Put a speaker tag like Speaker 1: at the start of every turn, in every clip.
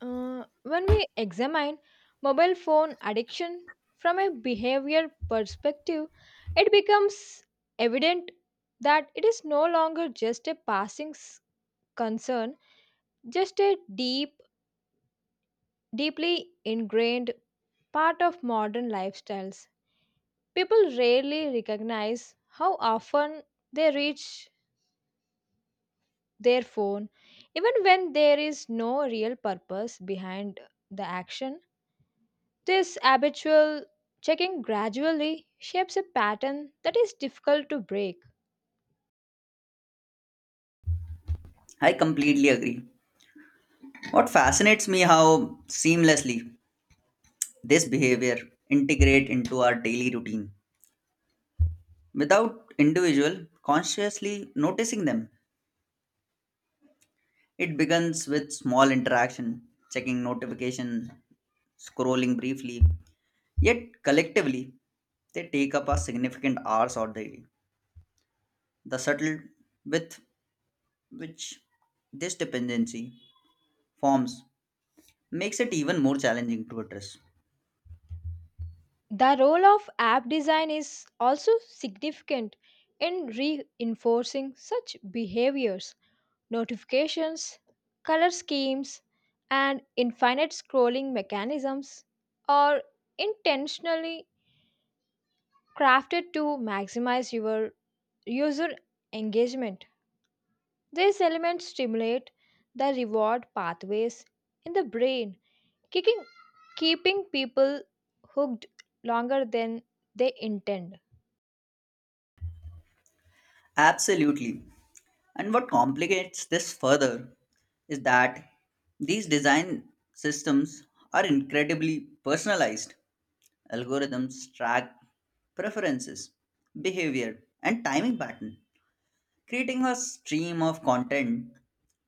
Speaker 1: When we examine mobile phone addiction from a behavior perspective, it becomes evident that it is no longer just a passing concern, just a deep, deeply ingrained part of modern lifestyles. People rarely recognize how often they reach their phone, even when there is no real purpose behind the action. This habitual checking gradually shapes a pattern that is difficult to break.
Speaker 2: I completely agree. What fascinates me how seamlessly this behavior integrate into our daily routine without individual consciously noticing them. It begins with small interaction, checking notification, scrolling briefly, yet collectively they take up a significant hours or daily. The subtle with which this dependency forms makes it even more challenging to address.
Speaker 1: The role of app design is also significant in reinforcing such behaviors. Notifications, color schemes, and infinite scrolling mechanisms are intentionally crafted to maximize your user engagement. These elements stimulate the reward pathways in the brain, kicking keeping people hooked longer than they intend.
Speaker 2: Absolutely. And what complicates this further is that these design systems are incredibly personalized. Algorithms track preferences, behavior, and timing pattern, creating a stream of content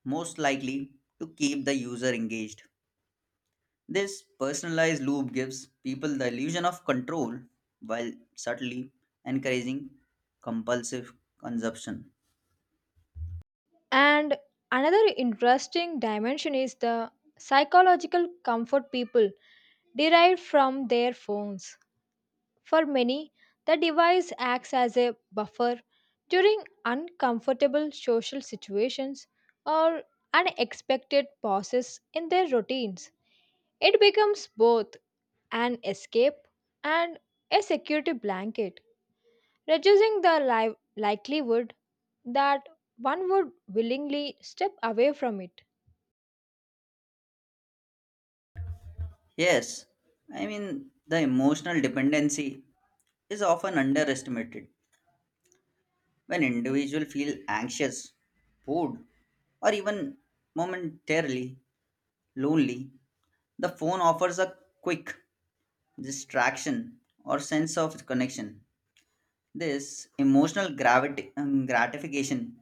Speaker 2: most likely to keep the user engaged. This personalized loop gives people the illusion of control while subtly encouraging compulsive consumption.
Speaker 1: And another interesting dimension is the psychological comfort people derive from their phones. For many, the device acts as a buffer during uncomfortable social situations or unexpected pauses in their routines. It becomes both an escape and a security blanket, reducing the likelihood that one would willingly step away from it.
Speaker 2: Yes, the emotional dependency is often underestimated when individuals feel anxious, bored, or even momentarily lonely. The phone offers a quick distraction or sense of connection. This emotional gravity, gratification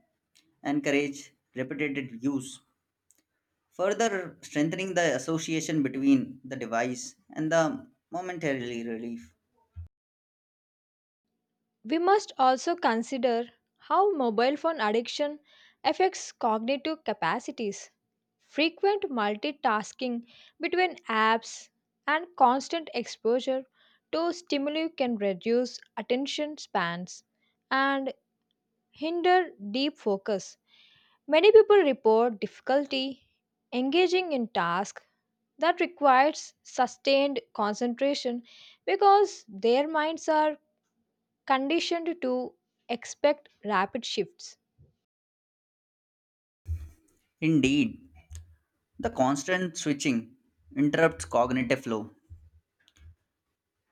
Speaker 2: encourages repetitive use, further strengthening the association between the device and the momentarily relief.
Speaker 1: We must also consider how mobile phone addiction affects cognitive capacities. Frequent multitasking between apps and constant exposure to stimuli can reduce attention spans and hinder deep focus. Many people report difficulty engaging in tasks that requires sustained concentration because their minds are conditioned to expect rapid shifts.
Speaker 2: Indeed, the constant switching interrupts cognitive flow.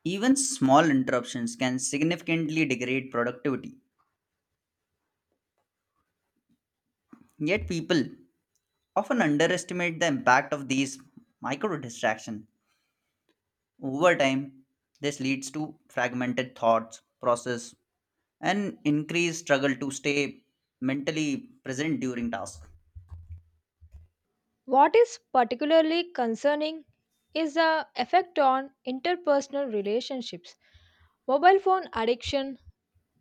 Speaker 2: Even small interruptions can significantly degrade productivity. Yet people often underestimate the impact of these micro distractions. Over time, this leads to fragmented thoughts, process, and increased struggle to stay mentally present during tasks.
Speaker 1: What is particularly concerning is the effect on interpersonal relationships. Mobile phone addiction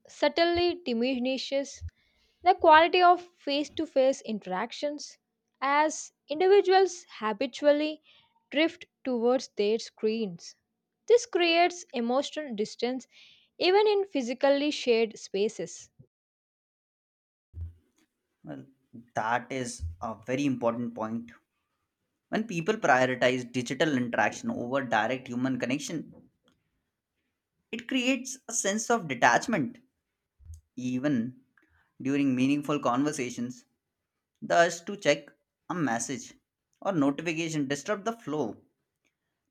Speaker 1: subtly diminishes the quality of face to face interactions as individuals habitually drift towards their screens. This creates emotional distance even in physically shared spaces.
Speaker 2: Well, that is a very important point. When people prioritize digital interaction over direct human connection, it creates a sense of detachment, even during meaningful conversations. The urge to check a message or notification disrupt the flow,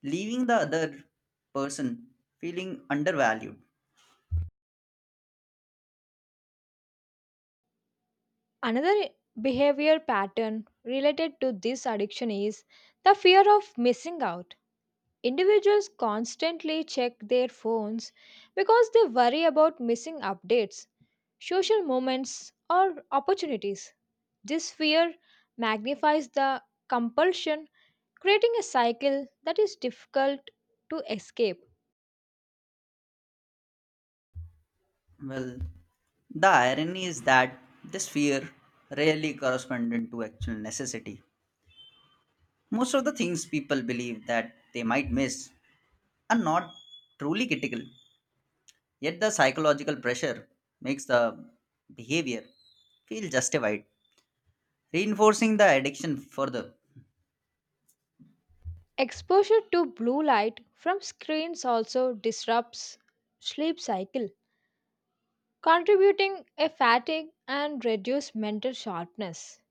Speaker 2: leaving the other person feeling undervalued.
Speaker 1: Another behavior pattern related to this addiction is the fear of missing out. Individuals constantly check their phones because they worry about missing updates, social moments, or opportunities. This fear magnifies the compulsion, creating a cycle that is difficult to escape.
Speaker 2: Well, the irony is that this fear rarely corresponds to actual necessity. Most of the things people believe that they might miss are not truly critical. Yet the psychological pressure makes the behavior feel justified, reinforcing the addiction further.
Speaker 1: Exposure to blue light from screens also disrupts sleep cycle, contributing a fatigue and reduced mental sharpness.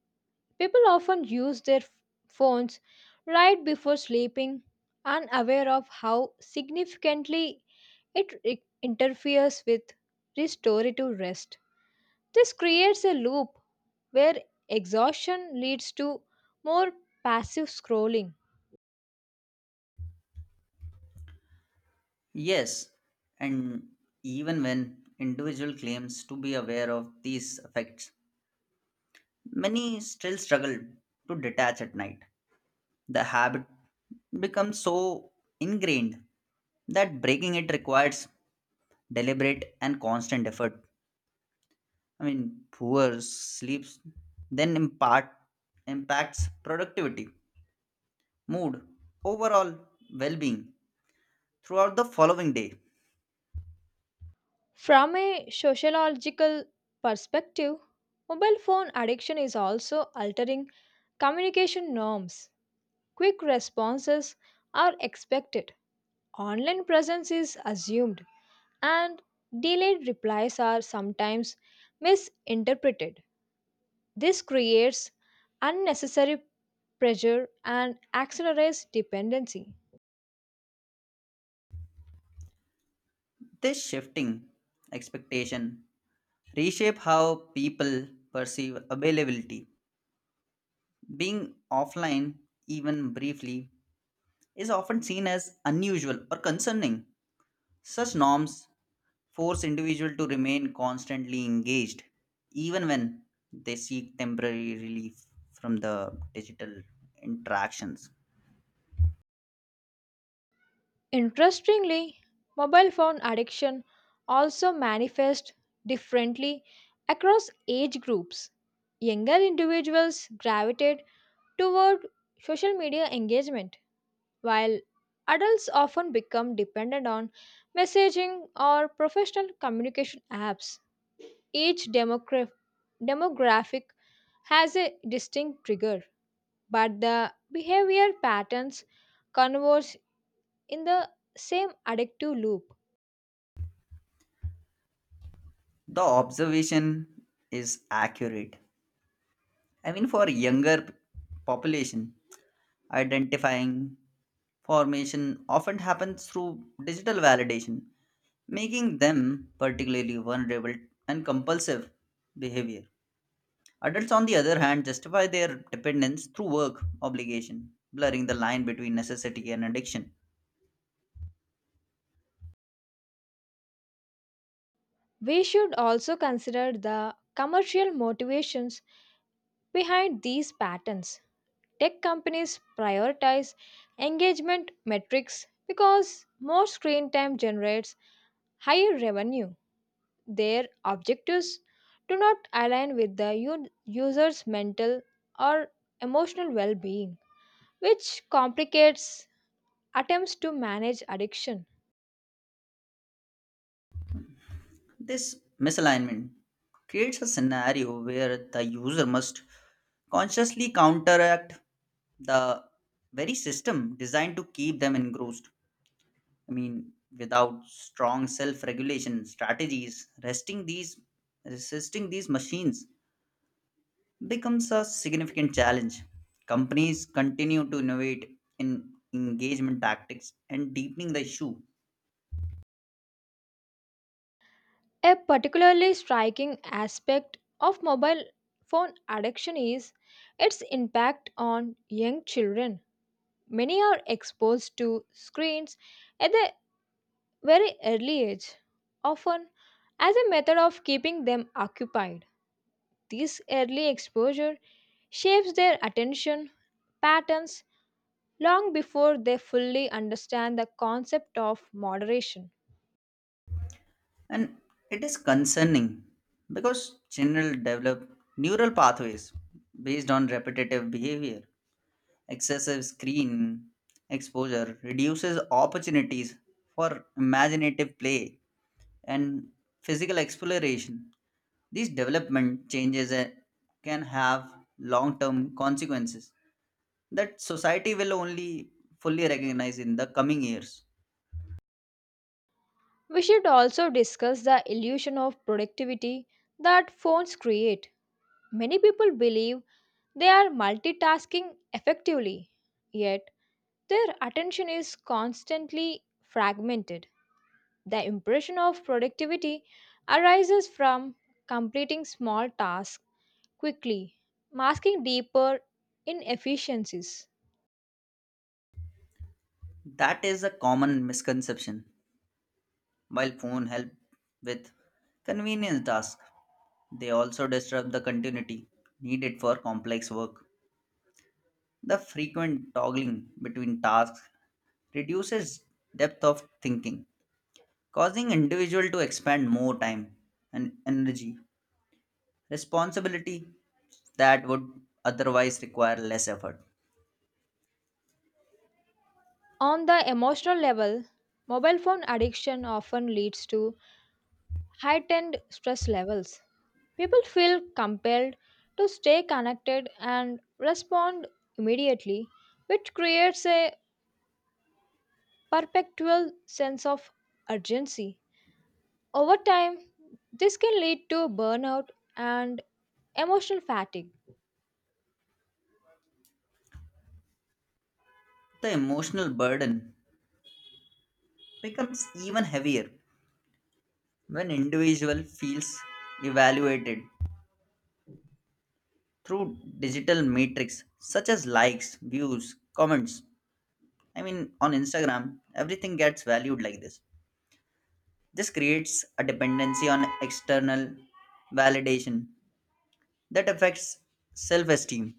Speaker 1: People often use their phones right before sleeping, unaware of how significantly it interferes with restorative rest. This creates a loop where exhaustion leads to more passive scrolling.
Speaker 2: Yes, and even when individual claims to be aware of these effects, many still struggle to detach at night. The habit becomes so ingrained that breaking it requires deliberate and constant effort. Poor sleeps then impart impacts productivity mood, overall well being throughout the following day.
Speaker 1: From a sociological perspective, mobile phone addiction is also altering communication norms. Quick responses are expected, online presence is assumed, and delayed replies are sometimes misinterpreted. This creates unnecessary pressure and accelerates dependency.
Speaker 2: This shifting expectation reshape how people perceive availability. Being offline, even briefly, is often seen as unusual or concerning. Such norms force individuals to remain constantly engaged, even when they seek temporary relief from the digital interactions.
Speaker 1: Interestingly, mobile phone addiction also manifests differently across age groups. Younger individuals gravitate toward social media engagement, while adults often become dependent on messaging or professional communication apps. Each demographic has a distinct trigger, but the behavior patterns converge in the same addictive loop.
Speaker 2: The observation is accurate. For younger population, identifying formation often happens through digital validation, making them particularly vulnerable and compulsive behavior. Adults, on the other hand, justify their dependence through work obligation, blurring the line between necessity and addiction.
Speaker 1: We should also consider the commercial motivations behind these patterns. Tech companies prioritize engagement metrics because more screen time generates higher revenue. Their objectives do not align with the user's mental or emotional well being, which complicates attempts to manage addiction.
Speaker 2: This misalignment creates a scenario where the user must consciously counteract the very system designed to keep them engrossed. I mean, Without strong self-regulation strategies, resting these resisting these machines becomes a significant challenge. Companies continue to innovate in engagement tactics and deepening the issue.
Speaker 1: A particularly striking aspect of mobile phone addiction is its impact on young children. Many are exposed to screens at a very early age, often as a method of keeping them occupied. This early exposure shapes their attention patterns long before they fully understand the concept of moderation.
Speaker 2: And it is concerning because children develop neural pathways based on repetitive behavior. Excessive screen exposure reduces opportunities for imaginative play and physical exploration. These development changes can have long term consequences that society will only fully recognize in the coming years.
Speaker 1: We should also discuss the illusion of productivity that phones create. Many people believe they are multitasking effectively, yet their attention is constantly fragmented. The impression of productivity arises from completing small tasks quickly, masking deeper inefficiencies.
Speaker 2: That is a common misconception. While phone help with convenience tasks, they also disrupt the continuity needed for complex work. The frequent toggling between tasks reduces depth of thinking causing individual to expend more time and energy responsibility that would otherwise require less effort.
Speaker 1: On the emotional level, mobile phone addiction often leads to heightened stress levels. People feel compelled to stay connected and respond immediately, which creates a perpetual sense of urgency. Over time, this can lead to burnout and emotional fatigue.
Speaker 2: The emotional burden becomes even heavier when individual feels evaluated through digital metrics such as likes views comments. i mean on Instagram everything gets valued like this. This creates a dependency on external validation that affects self esteem.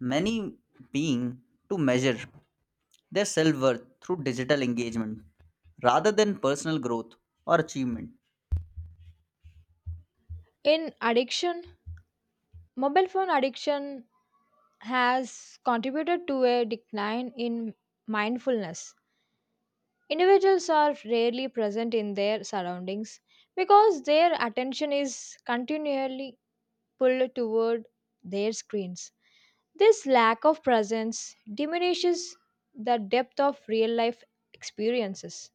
Speaker 2: Many being to measure their self worth through digital engagement rather than personal growth or achievement.
Speaker 1: In addiction, mobile phone addiction has contributed to a decline in mindfulness. Individuals are rarely present in their surroundings because their attention is continually pulled toward their screens. This lack of presence diminishes the depth of real life experiences.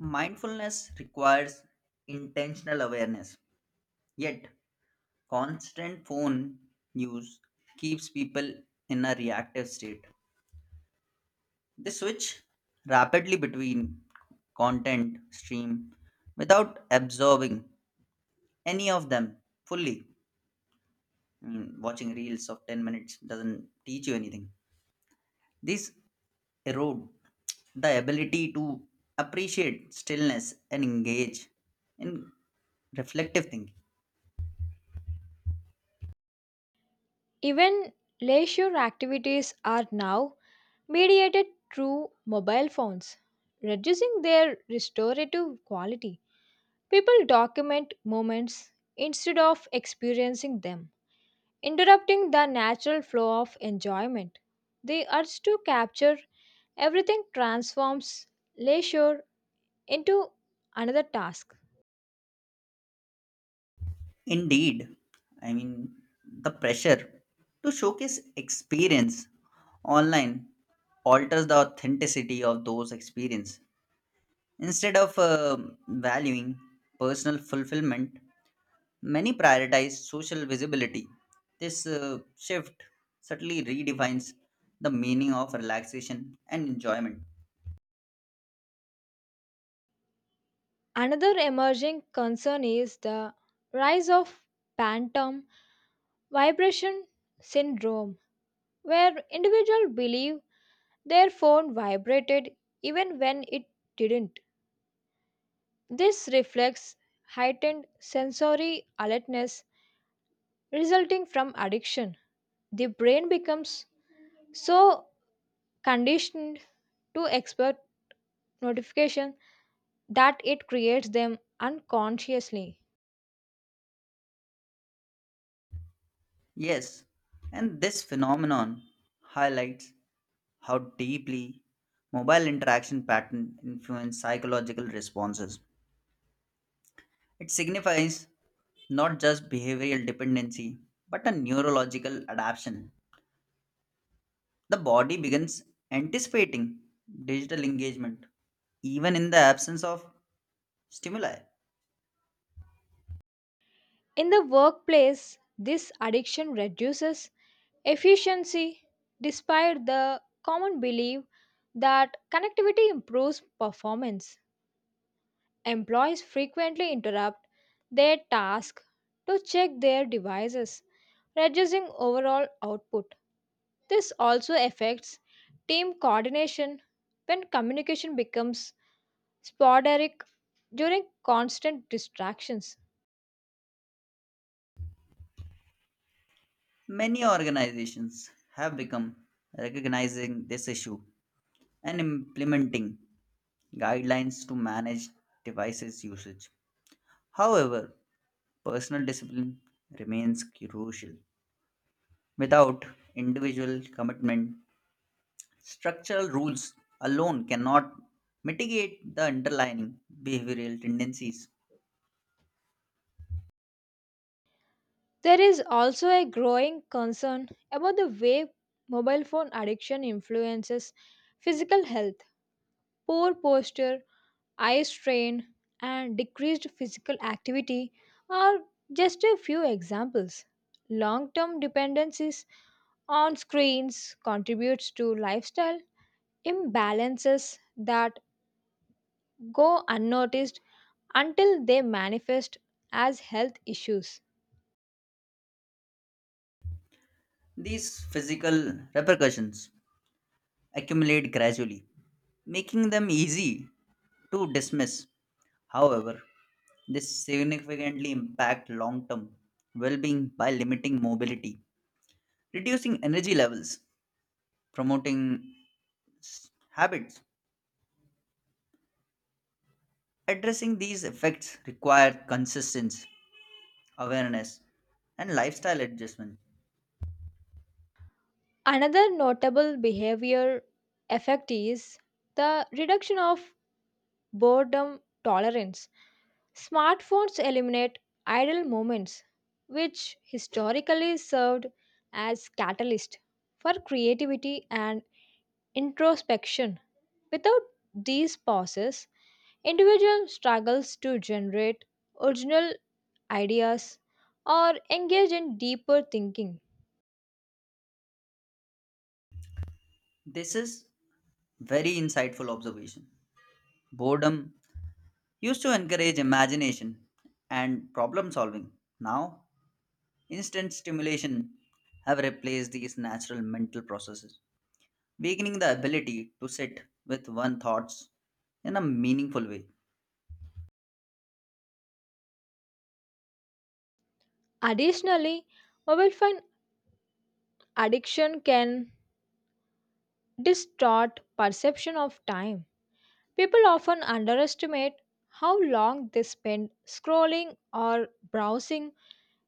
Speaker 2: Mindfulness requires intentional awareness, yet, constant phone use keeps people in a reactive state. They switch rapidly between content stream without absorbing any of them fully. Watching reels of 10 minutes doesn't teach you anything. These erode the ability to appreciate stillness and engage in reflective thinking.
Speaker 1: Even leisure activities are now mediated through mobile phones, reducing their restorative quality. People document moments instead of experiencing them, interrupting the natural flow of enjoyment. The urge to capture everything transforms leisure into another task.
Speaker 2: Indeed, I mean, the pressure to showcase experience online alters the authenticity of those experiences. Instead of valuing personal fulfillment, many prioritize social visibility. This shift subtly redefines the meaning of relaxation and enjoyment.
Speaker 1: Another emerging concern is the rise of phantom vibration syndrome, where individuals believe their phone vibrated even when it didn't. This reflects heightened sensory alertness resulting from addiction. The brain becomes so conditioned to expert notification that it creates them unconsciously.
Speaker 2: Yes, and this phenomenon highlights how deeply mobile interaction patterns influence psychological responses. It signifies not just behavioral dependency but a neurological adaptation. The body begins anticipating digital engagement even in the absence of stimuli.
Speaker 1: In the workplace, this addiction reduces efficiency despite the common belief that connectivity improves performance. Employees frequently interrupt their task to check their devices, reducing overall output. This also affects team coordination when communication becomes sporadic during constant distractions.
Speaker 2: Many organizations have become recognizing this issue and implementing guidelines to manage devices usage. However, personal discipline remains crucial. Without individual commitment, structural rules alone cannot mitigate the underlying behavioral tendencies.
Speaker 1: There is also a growing concern about the way mobile phone addiction influences physical health. Poor posture, eye strain, and decreased physical activity are just a few examples. Long term dependencies on screens contributes to lifestyle imbalances that go unnoticed until they manifest as health issues.
Speaker 2: These physical repercussions accumulate gradually, making them easy to dismiss. However, this significantly impact long-term well-being by limiting mobility, reducing energy levels, promoting s- habits. Addressing these effects require consistency, awareness, and lifestyle adjustment.
Speaker 1: Another notable behavior effect is the reduction of boredom tolerance. Smartphones eliminate idle moments, which historically served as catalyst for creativity and introspection. Without these pauses, individual struggles to generate original ideas or engage in deeper thinking.
Speaker 2: This is very insightful observation. Boredom used to encourage imagination and problem solving. Now, instant stimulation have replaced these natural mental processes, weakening the ability to sit with one thoughts in a meaningful way.
Speaker 1: Additionally, mobile phone addiction can distort perception of time. People often underestimate how long they spend scrolling or browsing,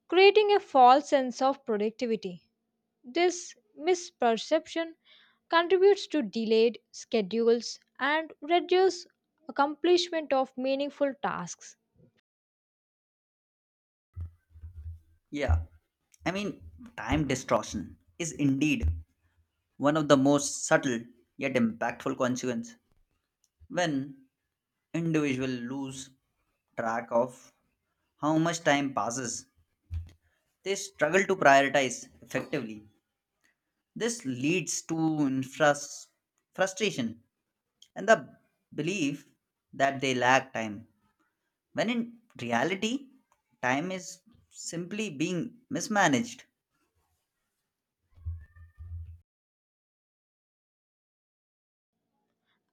Speaker 1: creating a false sense of productivity. This misperception contributes to delayed schedules and reduces accomplishment of meaningful tasks.
Speaker 2: Yeah, I mean, time distortion is indeed one of the most subtle yet impactful consequences when individuals lose track of how much time passes. They struggle to prioritize effectively. This leads to infras- frustration and the belief that they lack time when in reality, time is simply being mismanaged.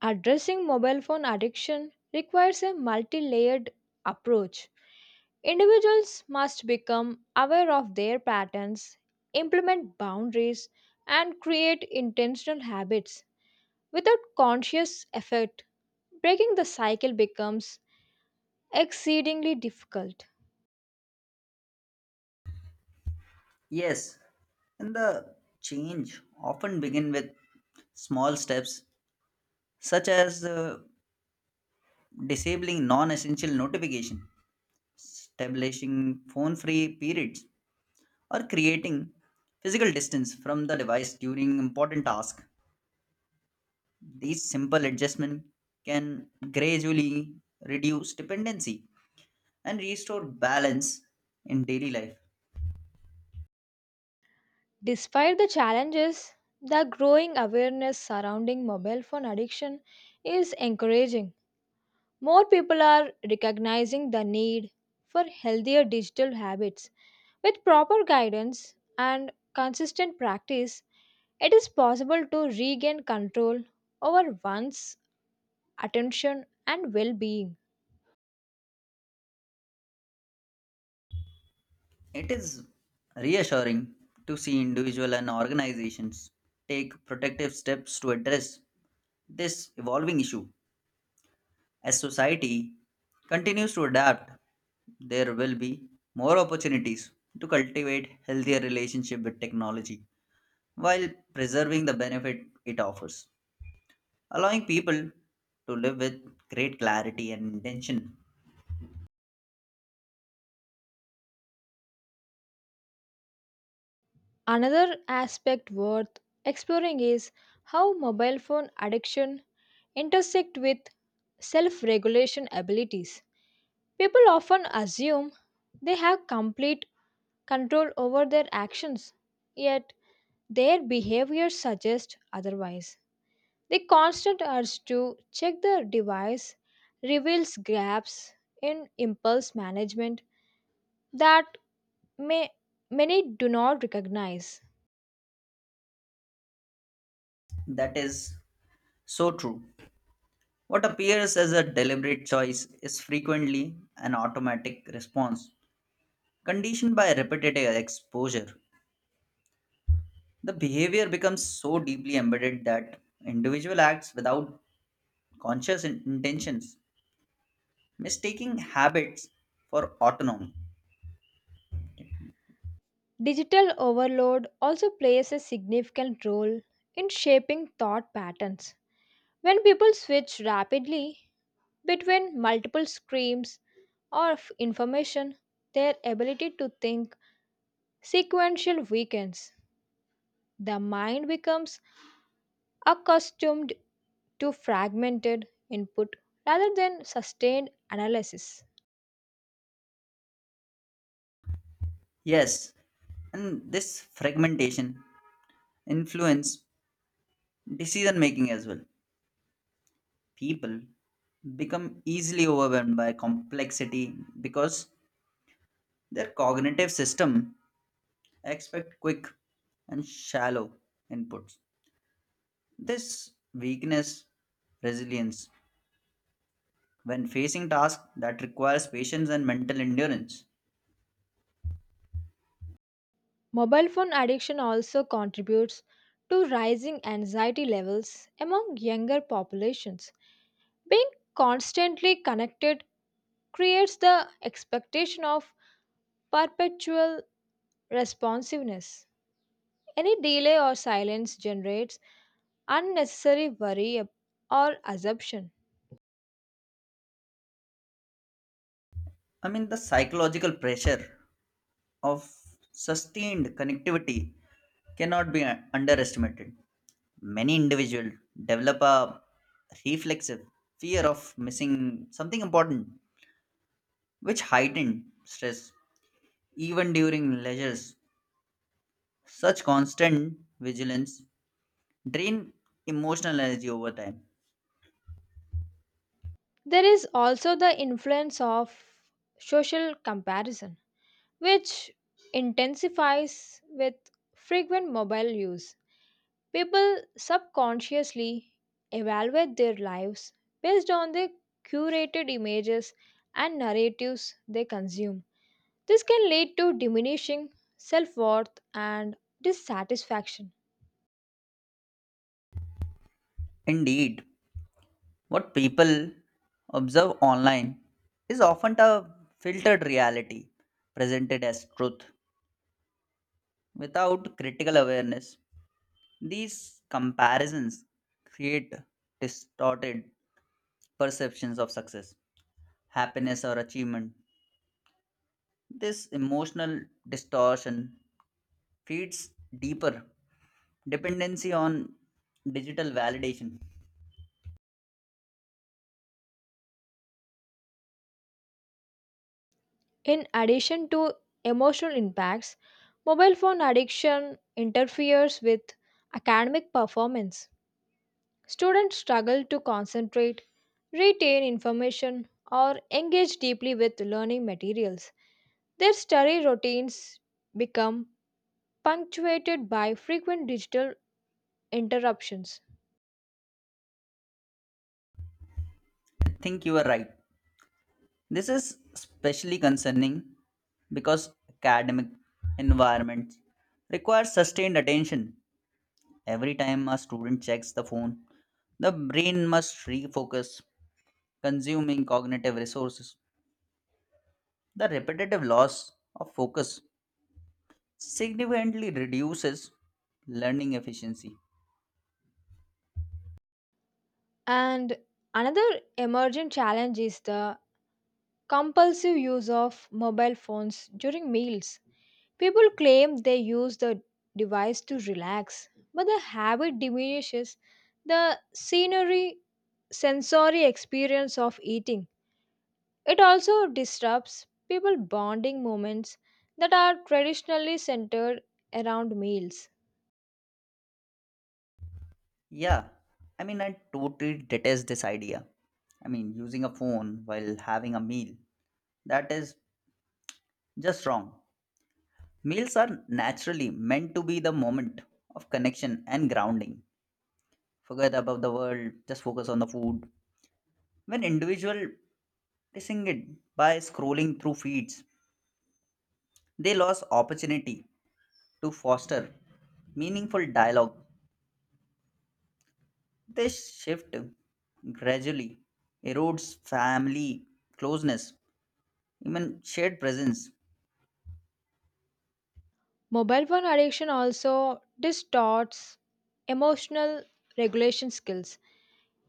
Speaker 1: Addressing mobile phone addiction requires a multi layered approach. Individuals must become aware of their patterns, implement boundaries, and create intentional habits. Without conscious effort, breaking the cycle becomes exceedingly difficult.
Speaker 2: Yes, and the change often begin with small steps such as disabling non-essential notification, establishing phone-free periods, or creating physical distance from the device during important tasks. These simple adjustments can gradually reduce dependency and restore balance in daily life.
Speaker 1: Despite the challenges, the growing awareness surrounding mobile phone addiction is encouraging. More people are recognizing the need for healthier digital habits. With proper guidance and consistent practice, it is possible to regain control over one's attention and well being.
Speaker 2: It is reassuring to see individuals and organizations take protective steps to address this evolving issue. As society continues to adapt, there will be more opportunities to cultivate healthier relationship with technology while preserving the benefit it offers, allowing people to live with great clarity and intention.
Speaker 1: Another aspect worth exploring is how mobile phone addiction intersect with self regulation abilities. People often assume they have complete control over their actions, yet their behavior suggests otherwise. The constant urge to check the device reveals gaps in impulse management that may, many do not recognize.
Speaker 2: That is so true. What appears as a deliberate choice is frequently an automatic response, conditioned by repetitive exposure. The behavior becomes so deeply embedded that individual acts without conscious intentions, mistaking habits for autonomy.
Speaker 1: Digital overload also plays a significant role in shaping thought patterns. When people switch rapidly between multiple streams of information, their ability to think sequential weakens. The mind becomes accustomed to fragmented input rather than sustained analysis.
Speaker 2: Yes, and this fragmentation influence decision making as well. People become easily overwhelmed by complexity because their cognitive system expect quick and shallow inputs. This weakness resilience when facing tasks that requires patience and mental endurance.
Speaker 1: Mobile phone addiction also contributes to rising anxiety levels among younger populations. Being constantly connected creates the expectation of perpetual responsiveness. Any delay or silence generates unnecessary worry or assumption.
Speaker 2: The psychological pressure of sustained connectivity cannot be underestimated. Many individuals develop a reflexive fear of missing something important, which heighten stress even during leisures. Such constant vigilance drain emotional energy over time.
Speaker 1: There is also the influence of social comparison, which intensifies with frequent mobile use. People subconsciously evaluate their lives based on the curated images and narratives they consume. This can lead to diminishing self worth and dissatisfaction.
Speaker 2: Indeed, what people observe online is often a filtered reality presented as truth without critical awareness. These comparisons create distorted perceptions of success, happiness, or achievement. This emotional distortion feeds deeper dependency on digital validation.
Speaker 1: In addition to emotional impacts, mobile phone addiction interferes with academic performance. Students struggle to concentrate, retain information, or engage deeply with learning materials. Their study routines become punctuated by frequent digital interruptions.
Speaker 2: I think you are right. This is especially concerning because academic environments require sustained attention. Every time a student checks the phone, the brain must refocus, consuming cognitive resources. The repetitive loss of focus significantly reduces learning efficiency.
Speaker 1: And another emerging challenge is the compulsive use of mobile phones during meals. People claim they use the device to relax, but the habit diminishes the scenery sensory experience of eating. It also disrupts people bonding moments that are traditionally centered around meals.
Speaker 2: Yeah, I totally detest this idea. Using a phone while having a meal, that is just wrong. Meals are naturally meant to be the moment of connection and grounding. Forget about the world, just focus on the food. When individual missing it by scrolling through feeds, they lost opportunity to foster meaningful dialogue. This shift gradually erodes family closeness, even shared presence.
Speaker 1: Mobile phone addiction also distorts emotional regulation skills.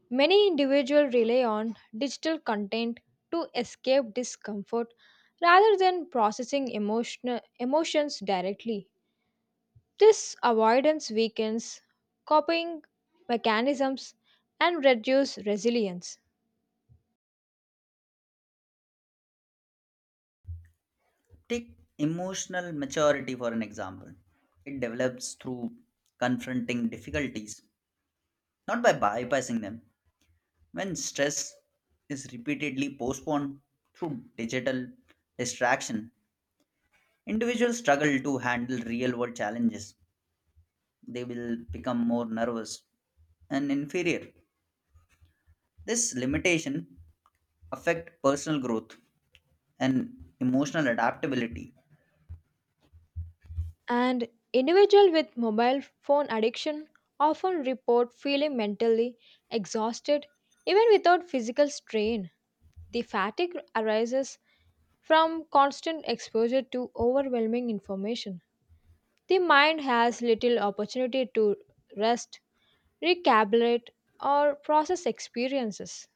Speaker 1: Many individuals rely on digital content to escape discomfort rather than processing emotional emotions directly. This avoidance weakens coping mechanisms and reduces resilience.
Speaker 2: Take emotional maturity for an example. It develops through confronting difficulties not by bypassing them. When stress is repeatedly postponed through digital distraction, individuals struggle to handle real world challenges. They will become more nervous and inferior. This limitation affect personal growth and emotional adaptability.
Speaker 1: And individuals with mobile phone addiction often report feeling mentally exhausted even without physical strain. The fatigue arises from constant exposure to overwhelming information. The mind has little opportunity to rest, recalibrate, or process experiences.